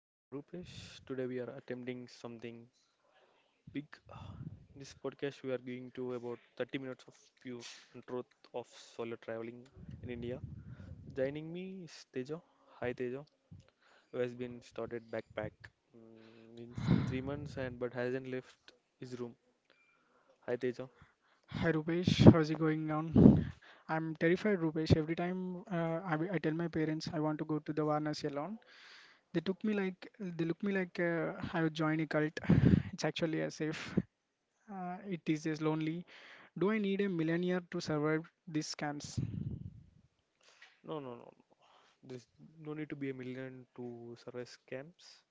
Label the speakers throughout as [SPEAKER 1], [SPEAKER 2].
[SPEAKER 1] Hey, I'm Rupesh. Today we are attempting something big. This podcast we are going to about 30 minutes of pure and truth of solo traveling in India. Joining me is Teja. Hi Teja, who has been started backpack from 3 months and but hasn't left his room. Hi Teja.
[SPEAKER 2] Hi Rupesh, how's it going on? I'm terrified, Rupesh. Every time I tell my parents I want to go to the Varanasi alone, they took me like they look me like I would join a cult. It's actually as if it is as lonely. Do I need a millionaire to survive these scams?
[SPEAKER 1] No, no, no. There's no need to be a million to survive scams.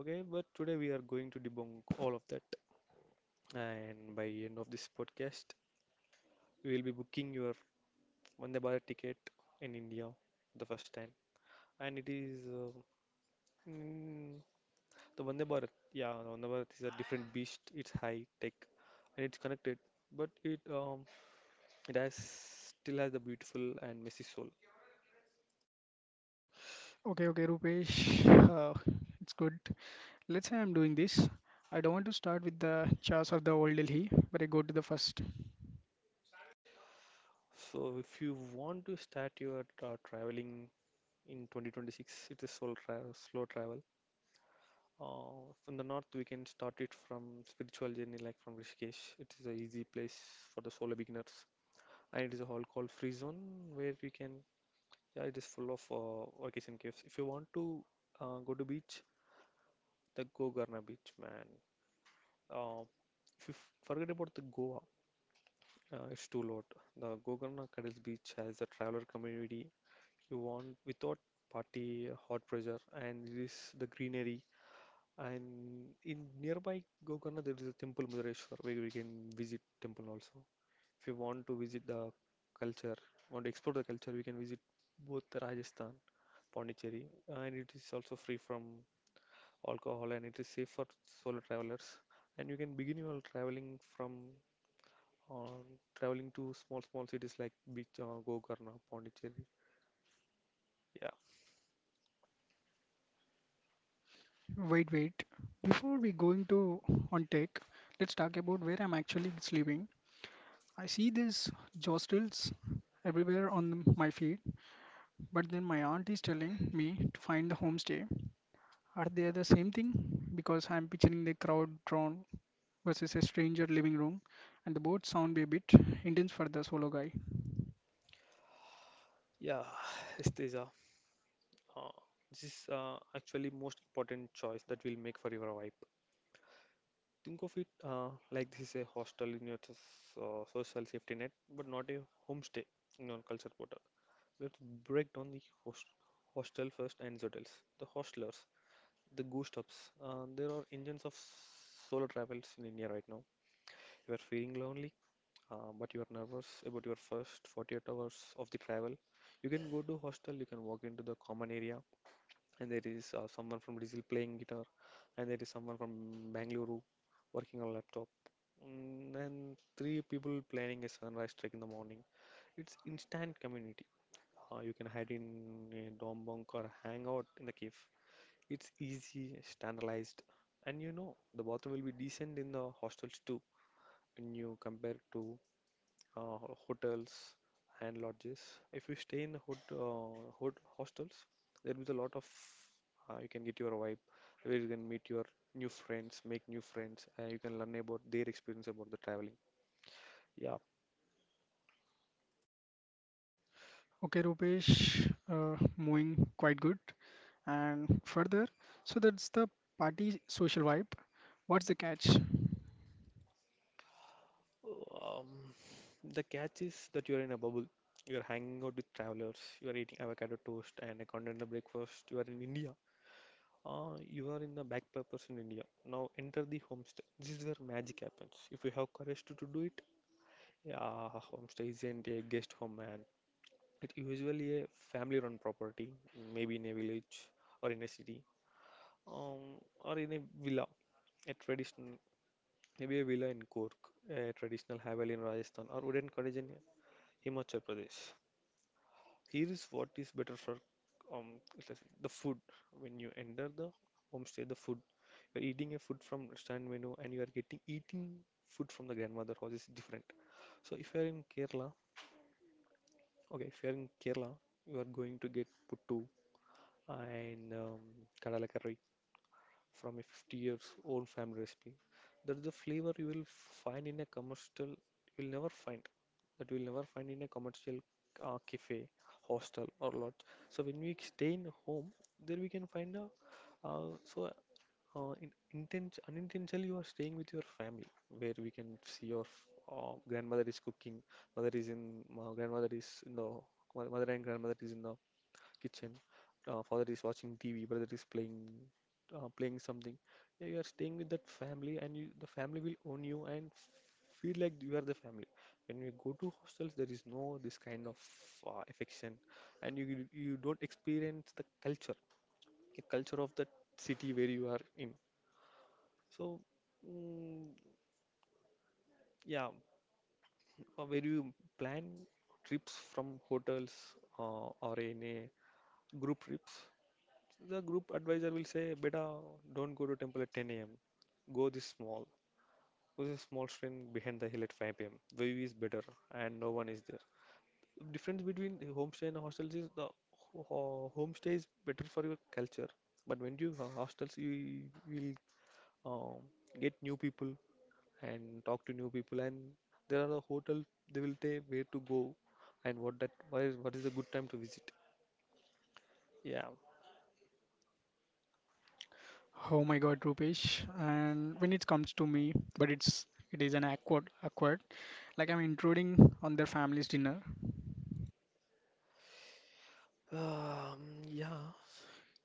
[SPEAKER 1] Okay, but today we are going to debunk all of that. And by end of this podcast, you will be booking your Vande Bharat ticket in India the first time, and mm, the Vande Bharat. Yeah, the Vande Bharat is a different beast. It's high tech and it's connected, but it it has still has the beautiful and messy soul.
[SPEAKER 2] Okay, okay, Rupesh. Uh, it's good. Let's say I'm doing this. I don't want to start with the chars of the old Delhi, but I go to the first.
[SPEAKER 1] So if you want to start your traveling in 2026, it is soul tra slow travel. From the north, we can start it from spiritual journey, like from Rishikesh. It is a easy place for the solo beginners. And it is a hall called Free Zone where we can. Yeah, it is full of vacation caves. If you want to go to beach, the go Garna Beach, man. Uh, if you forget about the Goa, it's too lot. The Gokarna Cuddles Beach has a traveler community you want without party hot pressure and it is the greenery, and in nearby Gokarna there is a temple Madareshwar where we can visit temple also. If you want to visit the culture, want to explore the culture, we can visit both Rajasthan, Pondicherry, and it is also free from alcohol and it is safe for solo travelers. And you can begin your traveling from um, traveling to small small cities like Beach, Gokarna, Pondicherry. Yeah,
[SPEAKER 2] Wait, wait. Before we going to on tech, let's talk about where I'm actually sleeping. I see these hostels everywhere on my feed, but then my aunt is telling me to find the homestay. Are they the same thing? Because I'm picturing the crowd drawn versus a stranger living room, and the both sound a bit intense for the solo guy.
[SPEAKER 1] yeah. Isteja. Uh, this is actually most important choice that we'll make for your wife. Think of it like this is a hostel in your social safety net, but not a homestay in your culture portal. Let's break down the hostel first and hotels. The hostlers, the ghost hubs. There are engines of solo travels in India right now. You are feeling lonely, but you are nervous about your first 48 hours of the travel. You can go to hostel, you can walk into the common area, and there is someone from Brazil playing guitar, and there is someone from Bangalore working on laptop. Then three people planning a sunrise trek in the morning. It's instant community. You can hide in a dorm bunk or hang out in the cave. It's easy, standardized, and you know the bathroom will be decent in the hostels too when you compare to hotels and lodges. If you stay in the hot hostels, there is a lot of you can get your vibe where you can meet your new friends, make new friends, and you can learn about their experience about the traveling. Yeah.
[SPEAKER 2] Okay, Rupesh, moving quite good. And further, so that's the party social vibe. What's the catch?
[SPEAKER 1] Um, the catch is that you're in a bubble. You're hanging out with travelers. You are eating avocado toast and a continental breakfast. You are in India. Ah, you are in the backpackers in India. Now enter the homestay. This is where magic happens. If you have courage to do it, yeah, homestay isn't a guest home, man. It's usually a family-run property, maybe in a village or in a city, um, or in a villa, a traditional, maybe a villa in Cork, a traditional Haveli in Rajasthan, or wooden cottage in Himachal Pradesh. Here is what is better for it's like the food. When you enter the homestay, the food you're eating a food from restaurant menu and you are getting eating food from the grandmother house is different. So if you're in Kerala, okay, if you're in Kerala, you are going to get puttu and kadalakari from a 50 years old family recipe. That's the flavor you will find in a commercial, you will never find, that you will never find in a commercial cafe, hostel, or lodge. So when we stay in home, there we can find a, so in, inten unintentionally you are staying with your family, where we can see your grandmother is cooking, mother is in, uh, grandmother is in the, mother and grandmother is in the kitchen, father is watching TV, brother is playing playing something. Yeah, you are staying with that family, and the family will own you and feel like you are the family. When you go to hostels, there is no this kind of affection, and you don't experience the culture of that city where you are in. So, mm, yeah, where you plan trips from hotels or in a group trips. The group advisor will say, Beta, don't go to temple at 10 a.m. Go this small. Go this small train behind the hill at 5 p.m. View is better and no one is there. Difference between homestay and hostels is the homestay is better for your culture, but when you hostels, you will um, get new people and talk to new people, and there are a hotel they will tell where to go and what that why is what is a good time to visit. Yeah.
[SPEAKER 2] Oh my God, Rupesh. And when it comes to me, but it is an awkward, awkward. Like I'm intruding on their family's dinner.
[SPEAKER 1] Um, yeah.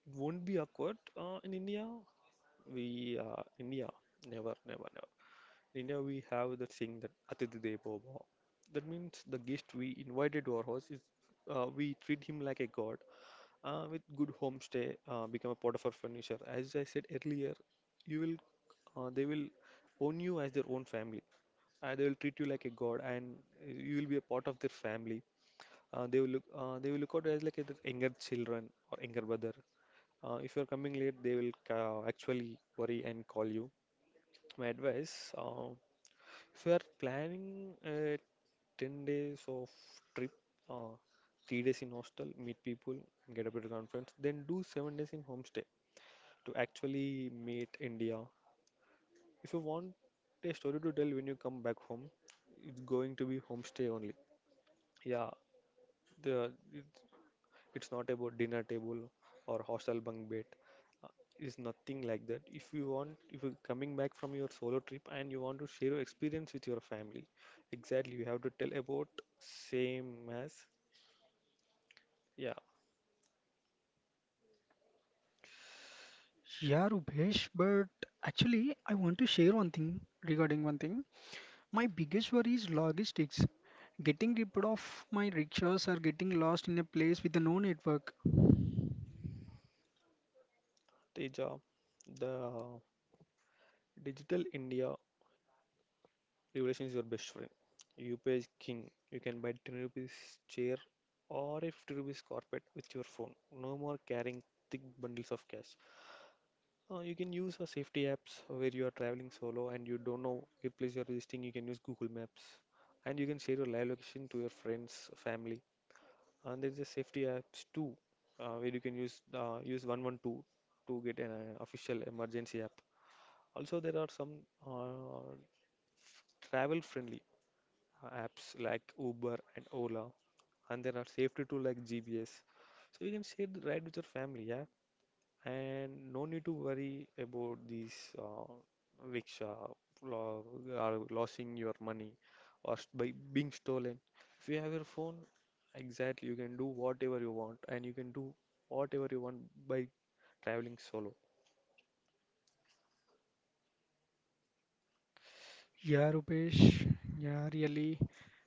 [SPEAKER 1] It won't be awkward in India. We India never, never, never. In India, we have the thing that Atithi Devo Bhava. That means the guest we invited to our house is we treat him like a god with good homestay, become a part of our furniture. As I said earlier, you will they will own you as their own family. They will treat you like a god, and you will be a part of their family. They will look out as like their younger children or younger brother. If you're coming late, they will actually worry and call you. My advice, if you are planning a 10 days of trip, uh, 3 days in hostel, meet people and get a better conference, then do 7 days in homestay to actually meet India. If you want a story to tell when you come back home, it's going to be homestay only. Yeah, the it's not about dinner table or hostel bunk bed. Uh, It's nothing like that. If you want, if you're coming back from your solo trip and you want to share your experience with your family, exactly, you have to tell about same as, yeah.
[SPEAKER 2] Yeah, Rupesh, but actually I want to share one thing regarding one thing. My biggest worry is logistics. Getting ripped off my rickshaws or getting lost in a place with no network.
[SPEAKER 1] Teja, the digital India revolution is your best friend. UPI is king. You can buy 10 rupees chair or a 50 rupees carpet with your phone. No more carrying thick bundles of cash. You can use a safety apps where you are traveling solo and you don't know which place you are visiting. You can use Google Maps and you can share your live location to your friends, family. And there's a safety apps too, where you can use 112 to get an official emergency app. Also, there are some uh, travel friendly apps like Uber and Ola, and there are safety tools like GPS. So you can share the ride with your family. Yeah, and no need to worry about these rickshaw lo- are losing your money or by being stolen. If you have your phone, exactly you can do whatever you want, and you can do whatever you want by traveling solo.
[SPEAKER 2] Yeah, Rupesh. Yeah, really.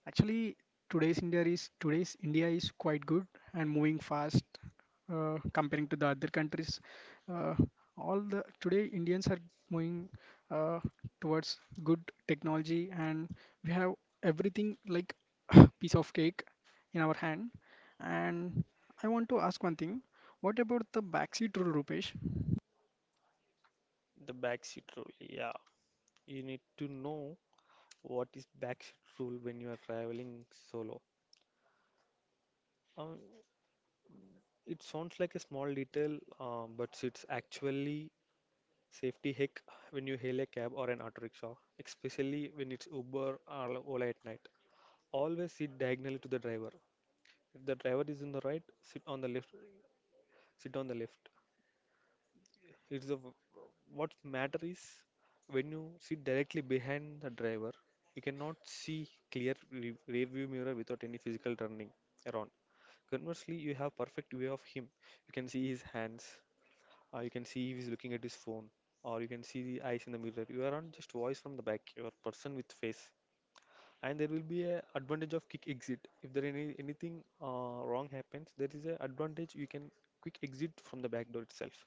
[SPEAKER 2] Actually, today's India is quite good and moving fast, comparing to the other countries. Uh, all the today Indians are moving uh, towards good technology, and we have everything like piece of cake in our hand. And I want to ask one thing. What about the backseat rule, Rupesh?
[SPEAKER 1] The backseat rule, yeah. You need to know what is backseat rule when you are traveling solo. Um, it sounds like a small detail, but it's actually safety hick when you hail a cab or an auto rickshaw, especially when it's Uber or Ola at night. Always sit diagonally to the driver. If the driver is on the right, sit on the left. Sit on the left. It's the what matter is when you sit directly behind the driver, you cannot see clear rear view mirror without any physical turning around. Conversely, you have perfect view of him. You can see his hands, uh, you can see he is looking at his phone, or you can see the eyes in the mirror. You are not just voice from the back, you are person with face. And there will be a advantage of quick exit. If there anything wrong happens, there is a advantage you can quick exit from the back door itself.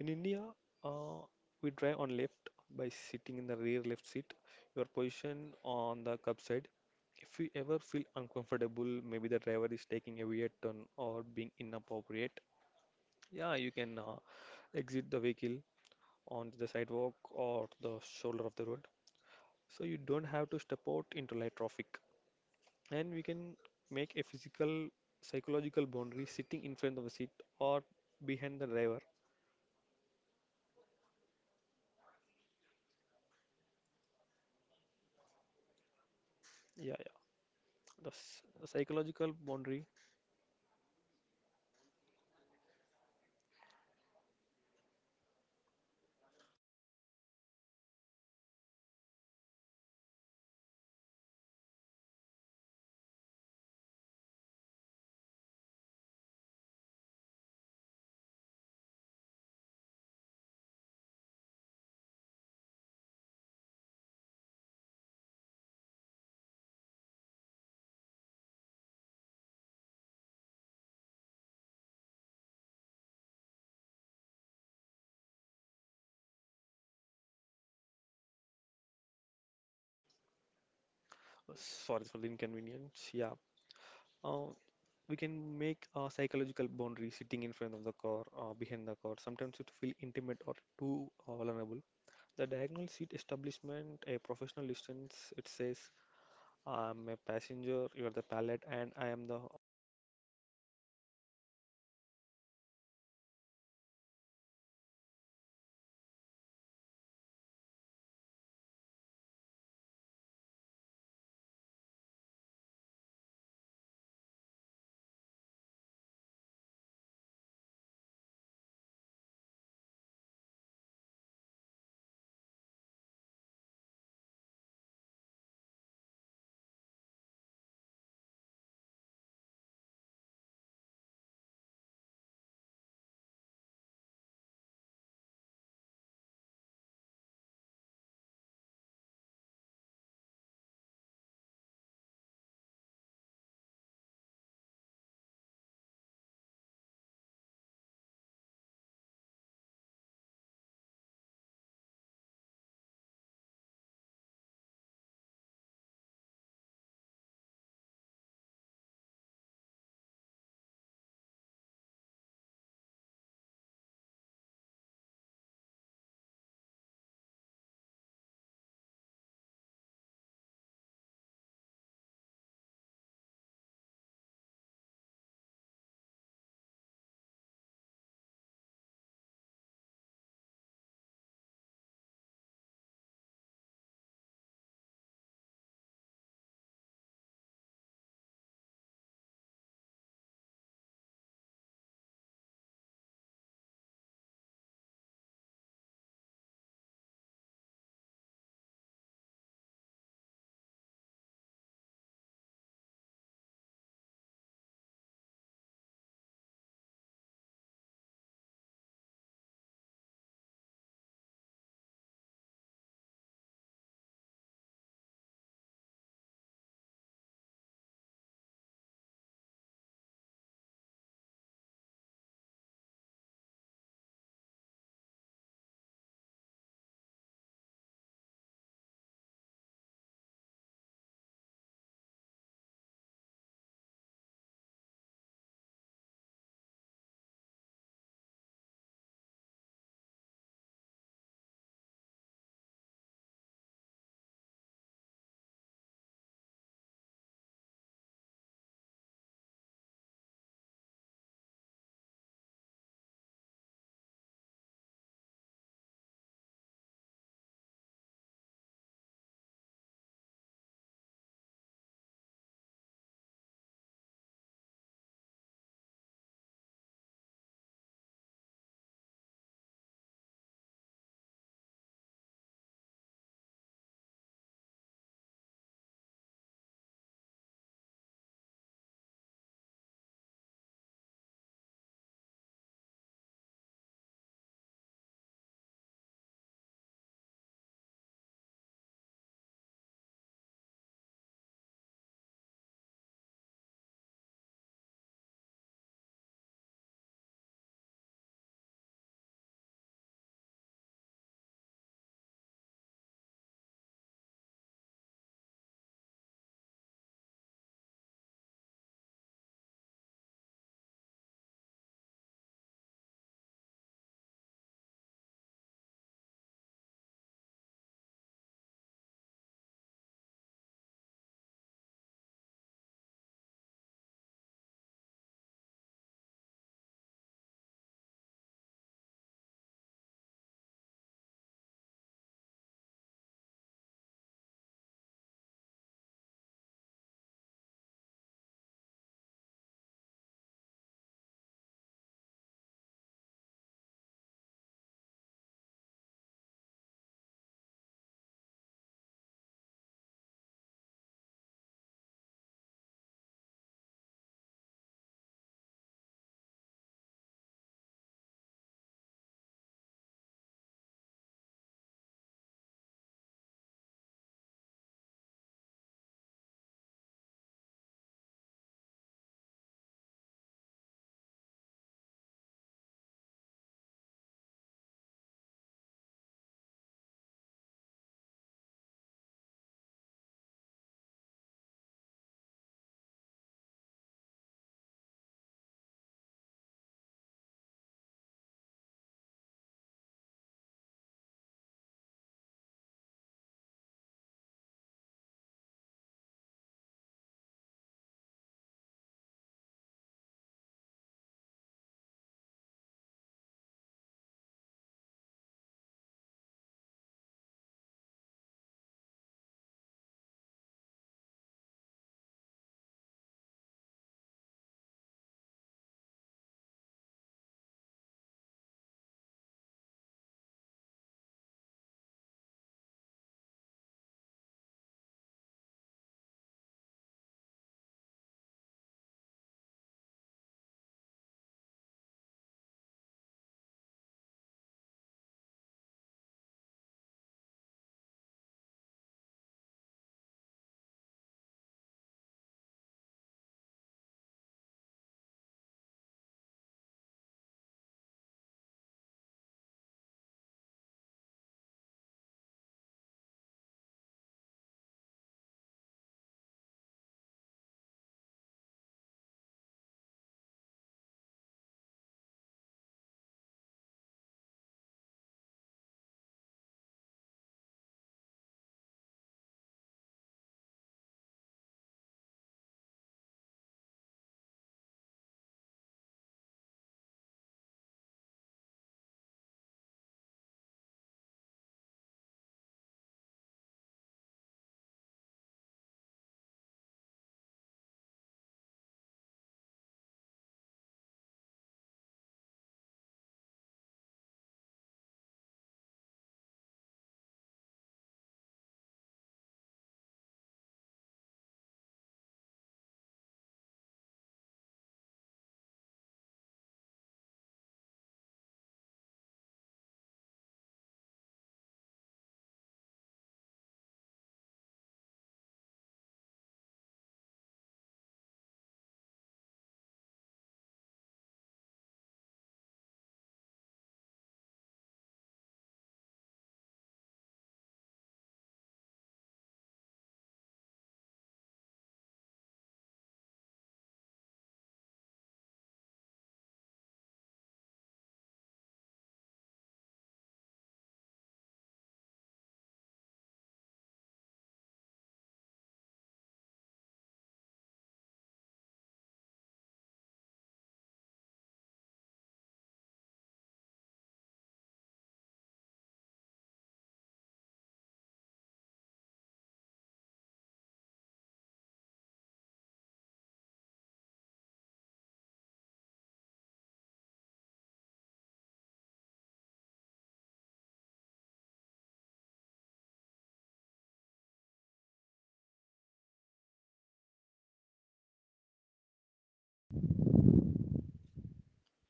[SPEAKER 1] In India, uh, we drive on left by sitting in the rear left seat. Your position on the curb side. If you ever feel uncomfortable, maybe the driver is taking a weird turn or being inappropriate. Yeah, you can exit the vehicle on the sidewalk or the shoulder of the road. So you don't have to step out into light traffic. And we can make a physical, psychological boundary sitting in front of the seat or behind the driver. Yeah, yeah. The psychological boundary. Oh, Sorry for the inconvenience. Yeah. Uh, we can make a psychological boundary sitting in front of the car, behind the car. Sometimes it feel intimate or too vulnerable. The diagonal seat establishment, a professional distance, it says I'm a passenger, you are the pilot, and I am the.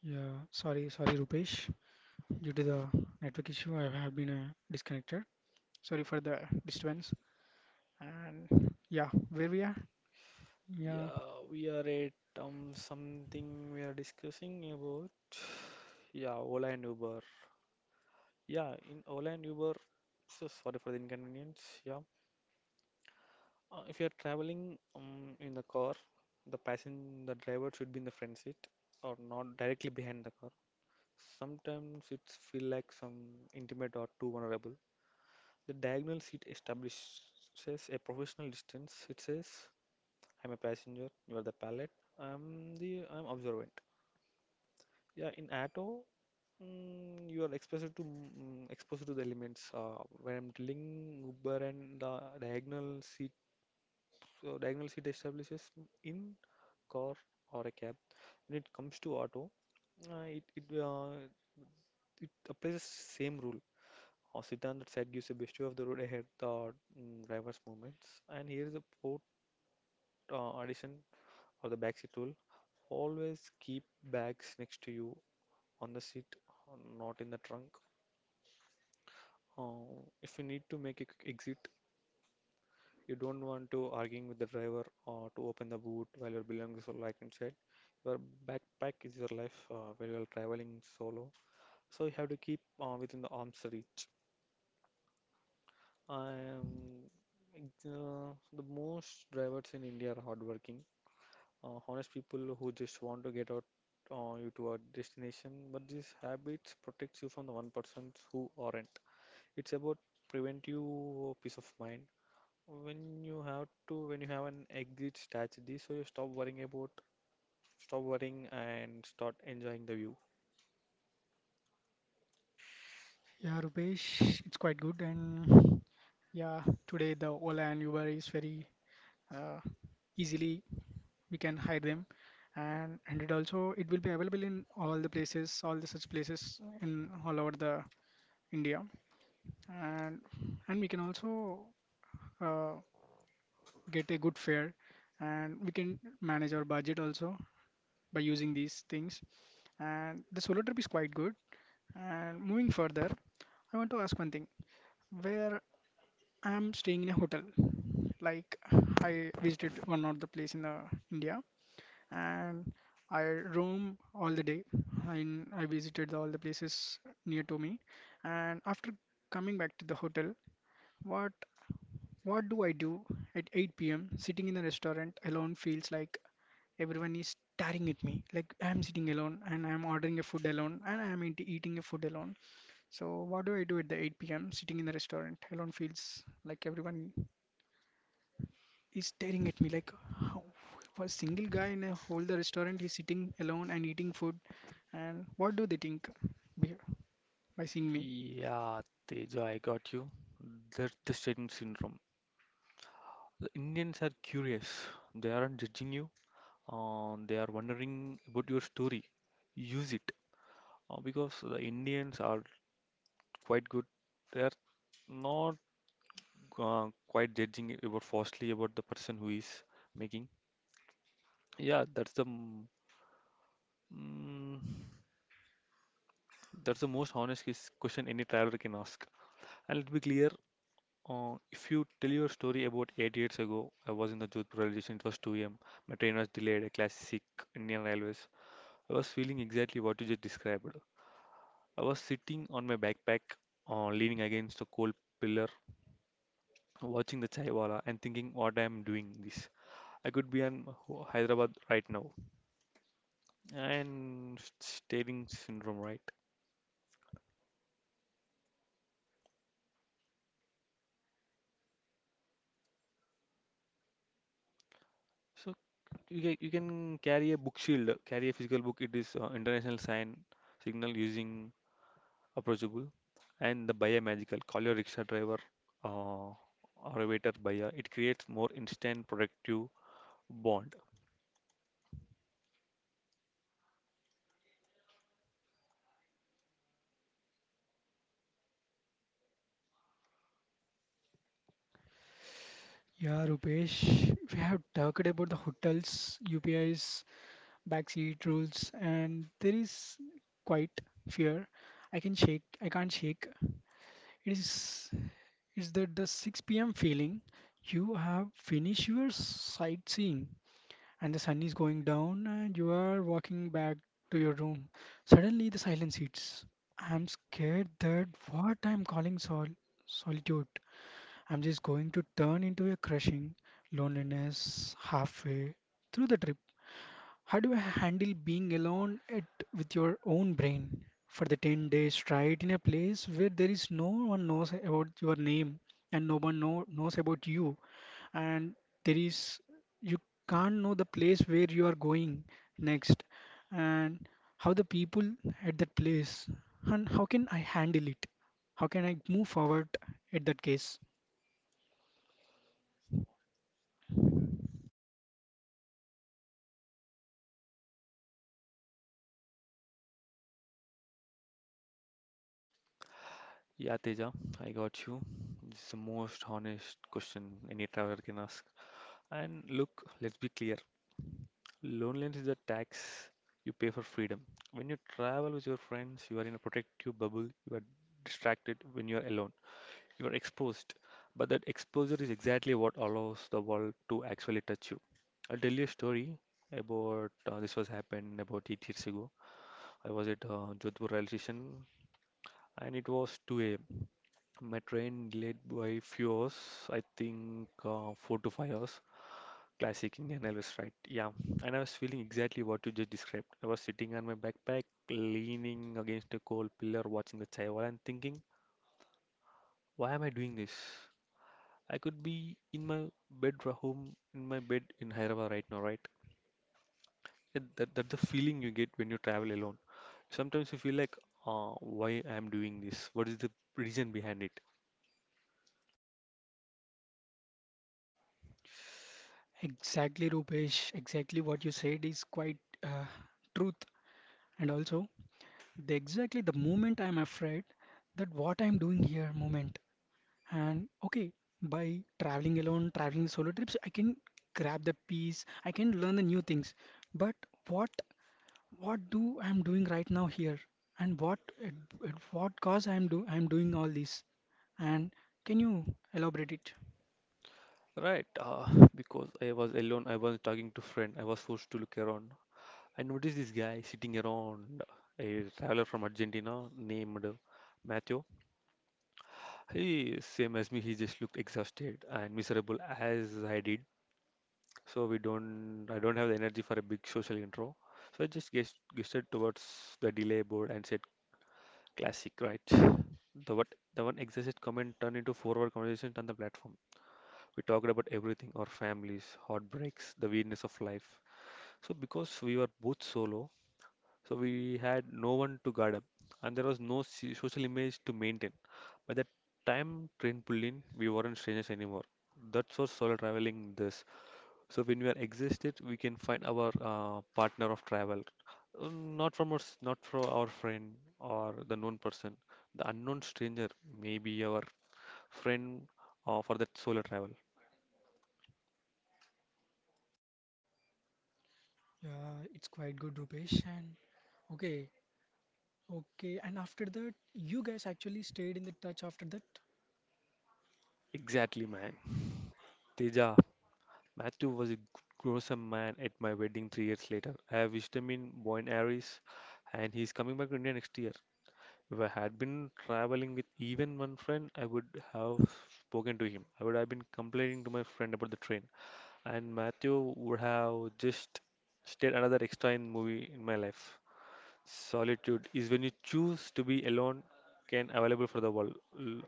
[SPEAKER 2] Yeah, sorry, sorry, Rupesh. Due to the network issue, I have been disconnected. Sorry for the disturbance. And yeah, where we are? Yeah,
[SPEAKER 1] Yeah, we are at something we are discussing about. Yeah, Ola and Uber. Yeah, in Ola and Uber, so sorry for the inconvenience. Yeah, if you are traveling in the car, the passenger, the driver should be in the front seat or not directly behind the car. Sometimes it's feel like some intimate or too vulnerable. The diagonal seat establishes a professional distance. It says I'm a passenger, you are the pilot, I'm observant. Yeah, in auto, you are exposed to exposed to the elements. When I'm telling Uber and the diagonal seat, so diagonal seat establishes in car or a cab. When it comes to auto, it it applies the same rule. Or sit on that side gives a best view of the road ahead, the driver's movements. And here is the port addition or the back seat rule, always keep bags next to you on the seat, not in the trunk. Uh, if you need to make a quick exit, you don't want to arguing with the driver or to open the boot while your belongings are like inside. Your backpack is your life when you are traveling solo, so you have to keep within the arm's reach. Um, the most drivers in India are hardworking honest people who just want to get out you to a destination. But these habits protects you from the one persons who aren't. It's about prevent you peace of mind. When you have an exit strategy, so you stop worrying about, stop worrying and start enjoying the view.
[SPEAKER 2] yeah, Rupesh, it's quite good. And yeah, today the Ola and Uber is very uh, easily we can hire them, and it will be available in all the places, all the such places in all over the India, and we can also uh, get a good fare, and we can manage our budget also by using these things. And the solo trip is quite good. And moving further, I want to ask one thing. Where I'm staying in a hotel, like I visited one of the place in India, and I roam all the day. And I visited all the places near to me. And after coming back to the hotel, what what do I do at 8 p.m. sitting in the restaurant alone feels like everyone is staring at me like I'm sitting alone and I'm ordering a food alone and I'm eating a food alone. So what do I do at the 8 p.m. sitting in the restaurant alone feels like everyone is staring at me like how a single guy in a whole the restaurant is sitting alone and eating food and what do they think be- by seeing me?
[SPEAKER 1] Yeah, Teja, I got you. That's the Satan syndrome. The Indians are curious. They aren't judging you. They are wondering about your story. Use it. Because the Indians are quite good. They are not quite judging about falsely about the person who is making. Yeah, mm, that's the most honest question any traveler can ask. And let's be clear, if you tell your story about 8 years ago, I was in the Jodhpur railway station. It was 2 a.m. My train was delayed. A classic Indian Railways. I was feeling exactly what you just described. I was sitting on my backpack, leaning against a cold pillar watching the chaiwala and thinking what I am doing this. I could be in Hyderabad right now. And staring syndrome, right? So you can carry a book shield, carry a physical book. It is international sign signal using approachable, and the buyer magical. Call your rickshaw driver uh, or a waiter buyer. It creates more instant productive bond.
[SPEAKER 2] Yeah, Rupesh, we have talked about the hotels, UPIs, backseat rules, and there is quite fear. I can't shake. It Is that the 6 p.m. feeling? You have finished your sightseeing and the sun is going down and you are walking back to your room. Suddenly the silence hits. I'm scared that what I'm calling solitude, I'm just going to turn into a crushing loneliness halfway through the trip. How do you handle being alone at, with your own brain for the 10 days straight in a place where there is no one knows about your name and no one know, knows about you and there is you can't know the place where you are going next and how the people at that place and how can I handle it? How can I move forward at that case?
[SPEAKER 1] Yeah, Teja, I got you. This is the most honest question any traveler can ask. And look, let's be clear. Loneliness is a tax you pay for freedom. When you travel with your friends, you are in a protective bubble. You are distracted when you are alone. You are exposed. But that exposure is exactly what allows the world to actually touch you. I'll tell you a story about this was happened about 8 years ago. I was at Jodhpur rail station and it was 2 a.m. My train delayed by few hours, I think 4 to 5 hours. Classic Indian Elvis ride. Yeah, and I was feeling exactly what you just described. I was sitting on my backpack, leaning against a cold pillar, watching the Chaiwal and thinking, why am I doing this? I could be in home, in my bed in Hyderabad right now, right? That's the feeling you get when you travel alone. Sometimes you feel like, why I'm doing this? What is the reason behind it?
[SPEAKER 2] Exactly, Rupesh. Exactly what you said is quite uh, truth. And also the exactly the moment I'm afraid that what I'm doing here moment. And okay, by traveling alone, traveling solo trips, I can grab the peace, I can learn the new things. But what what do I'm doing right now here? And at what cause I'm doing all this? And can you elaborate it?
[SPEAKER 1] Right, because I was alone, I was talking to friend, I was forced to look around. I noticed this guy sitting around a traveler from Argentina named Matthew. He, same as me, he just looked exhausted and miserable as I did. So we don't, I don't have the energy for a big social intro. So I just gestured towards the delay board and said, "Classic, right?" The what, the one exhausted comment turned into four-hour conversation on the platform. We talked about everything, our families, heartbreaks, the weirdness of life. So because we were both solo, so we had no one to guard up, and there was no social image to maintain. By the time train pulled in, we weren't strangers anymore. That's what solo traveling does. So when we are existed, we can find our partner of travel. Uh, Not from us, not from our friend or the known person, the unknown stranger, maybe our friend for that solo travel.
[SPEAKER 2] Yeah, it's quite good, Rupesh. And okay, okay. And after that, you guys actually stayed in the touch after that.
[SPEAKER 1] Exactly, man. Teja, Matthew was a gruesome man at my wedding 3 years later. I have wished him in Buenos Aires and he's coming back to India next year. If I had been traveling with even one friend, I would have spoken to him. I would have been complaining to my friend about the train, and Matthew would have just stayed another extra in movie in my life solitude is when you choose to be alone can available for the world.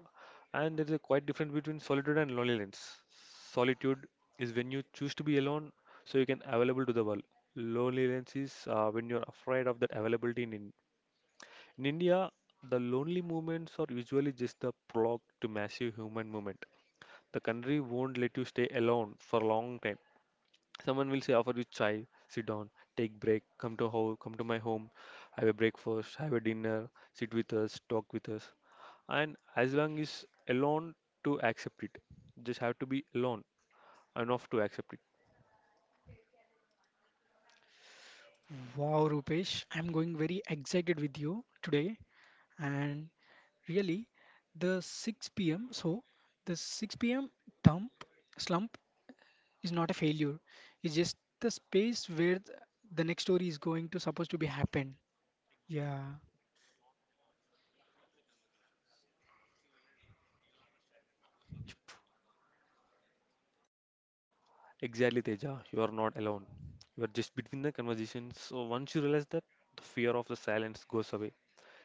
[SPEAKER 1] And there is a quite difference between solitude and loneliness. Solitude is when you choose to be alone so you can available to the world. Loneliness is when you're afraid of that availability in in India. The lonely movements are usually just the prologue to massive human movement. The country won't let you stay alone for a long time. Someone will say, offer you chai, sit down, take break, come to home, come to my home, have a breakfast, have a dinner, sit with us, talk with us. And as long as alone to accept it, just have to be alone enough to accept it.
[SPEAKER 2] Wow, Rupesh, I'm going very excited with you today. And really, the 6 p.m. So, the 6 p.m. thump slump is not a failure. It's just the space where the next story is going to supposed to be happen. Yeah,
[SPEAKER 1] Exactly, Teja, you are not alone. You are just between the conversations. So once you realize that, the fear of the silence goes away.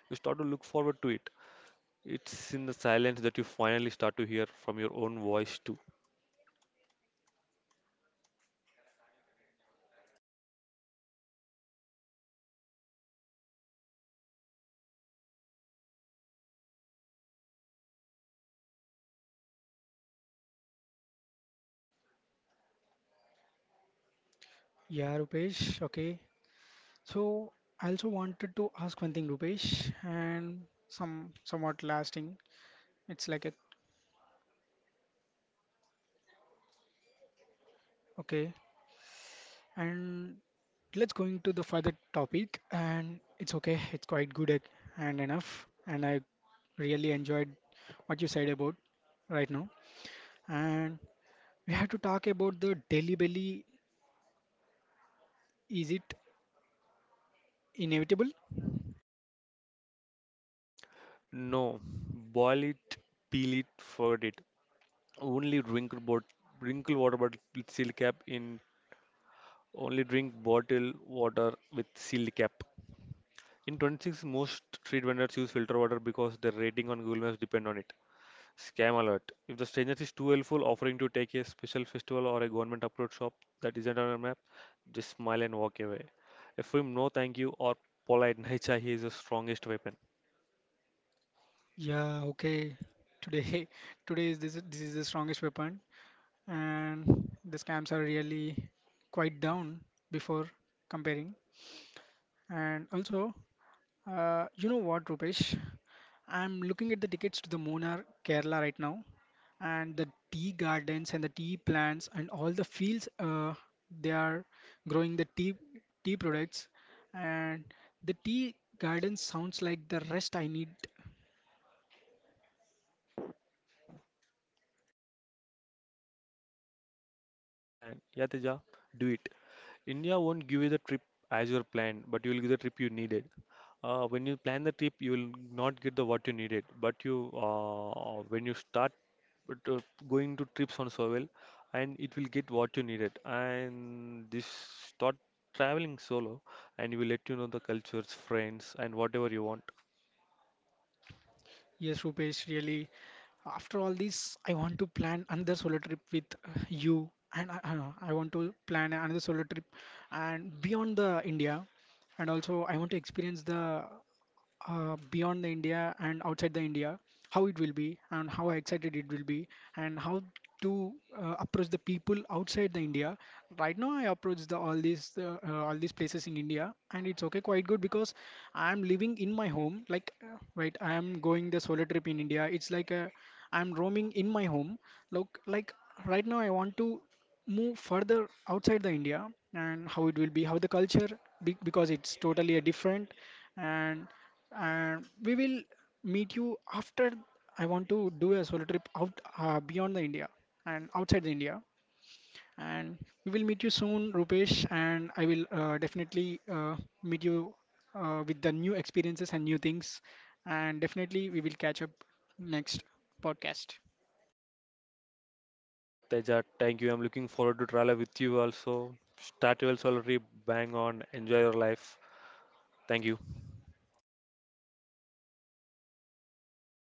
[SPEAKER 1] You start to look forward to it. It's in the silence that you finally start to hear from your own voice too.
[SPEAKER 2] yeah, Rupesh. Okay. So, I also wanted to ask one thing, Rupesh, and somewhat lasting. It's like a okay. And let's going to the further topic. And it's okay. It's quite good and enough. And I really enjoyed what you said about right now. And we have to talk about the Delhi Belly. Is it inevitable?
[SPEAKER 1] No, boil it, peel it, forget it. Only drink bot wrinkle water bottle with sealed cap in Only drink bottle water with sealed cap. In 26, most street vendors use filter water because their rating on Google Maps depend on it. Scam alert. If the stranger is too helpful, offering to take a special festival or a government approved shop that isn't on your map, just smile and walk away. A firm no thank you or polite nahi chahiye is the strongest weapon.
[SPEAKER 2] Yeah, okay. Today, today is this is the strongest weapon, and the scams are really quite down before comparing. And also, you know what, Rupesh? I'm looking at the tickets to the Munnar, Kerala right now, and the tea gardens and the tea plants and all the fields they are growing the tea products, and the tea garden sounds like the rest I need.
[SPEAKER 1] Plan. Yeah, Teja, do it. India won't give you the trip as your plan, but you will give the trip you needed. When you plan the trip, you will not get the what you needed. When you start with, uh, going to trips on solo, and it will get what you needed. And this start traveling solo, and you will let you know the cultures, friends, and whatever you want.
[SPEAKER 2] Yes, Rupesh, really. After all this, I want to plan another solo trip with you, and I want to plan another solo trip and beyond the India, and also I want to experience the beyond the India and outside the India, how it will be and how excited it will be and how to approach the people outside the India. Right now, I approach the all these places in India, and it's okay, quite good because I am living in my home. Like, right, I am going the solo trip in India. It's like I am roaming in my home. Look, like right now, I want to move further outside the India and how it will be, how the culture, be, because it's totally a different and and we will meet you after I want to do a solo trip out beyond the India and outside the India. And we will meet you soon, Rupesh, and I will definitely meet you with the new experiences and new things. And definitely, we will catch up next podcast.
[SPEAKER 1] Yeah, Teja, thank you. I'm looking forward to travel with you also. Start your solo trip, bang on, enjoy your life. Thank you.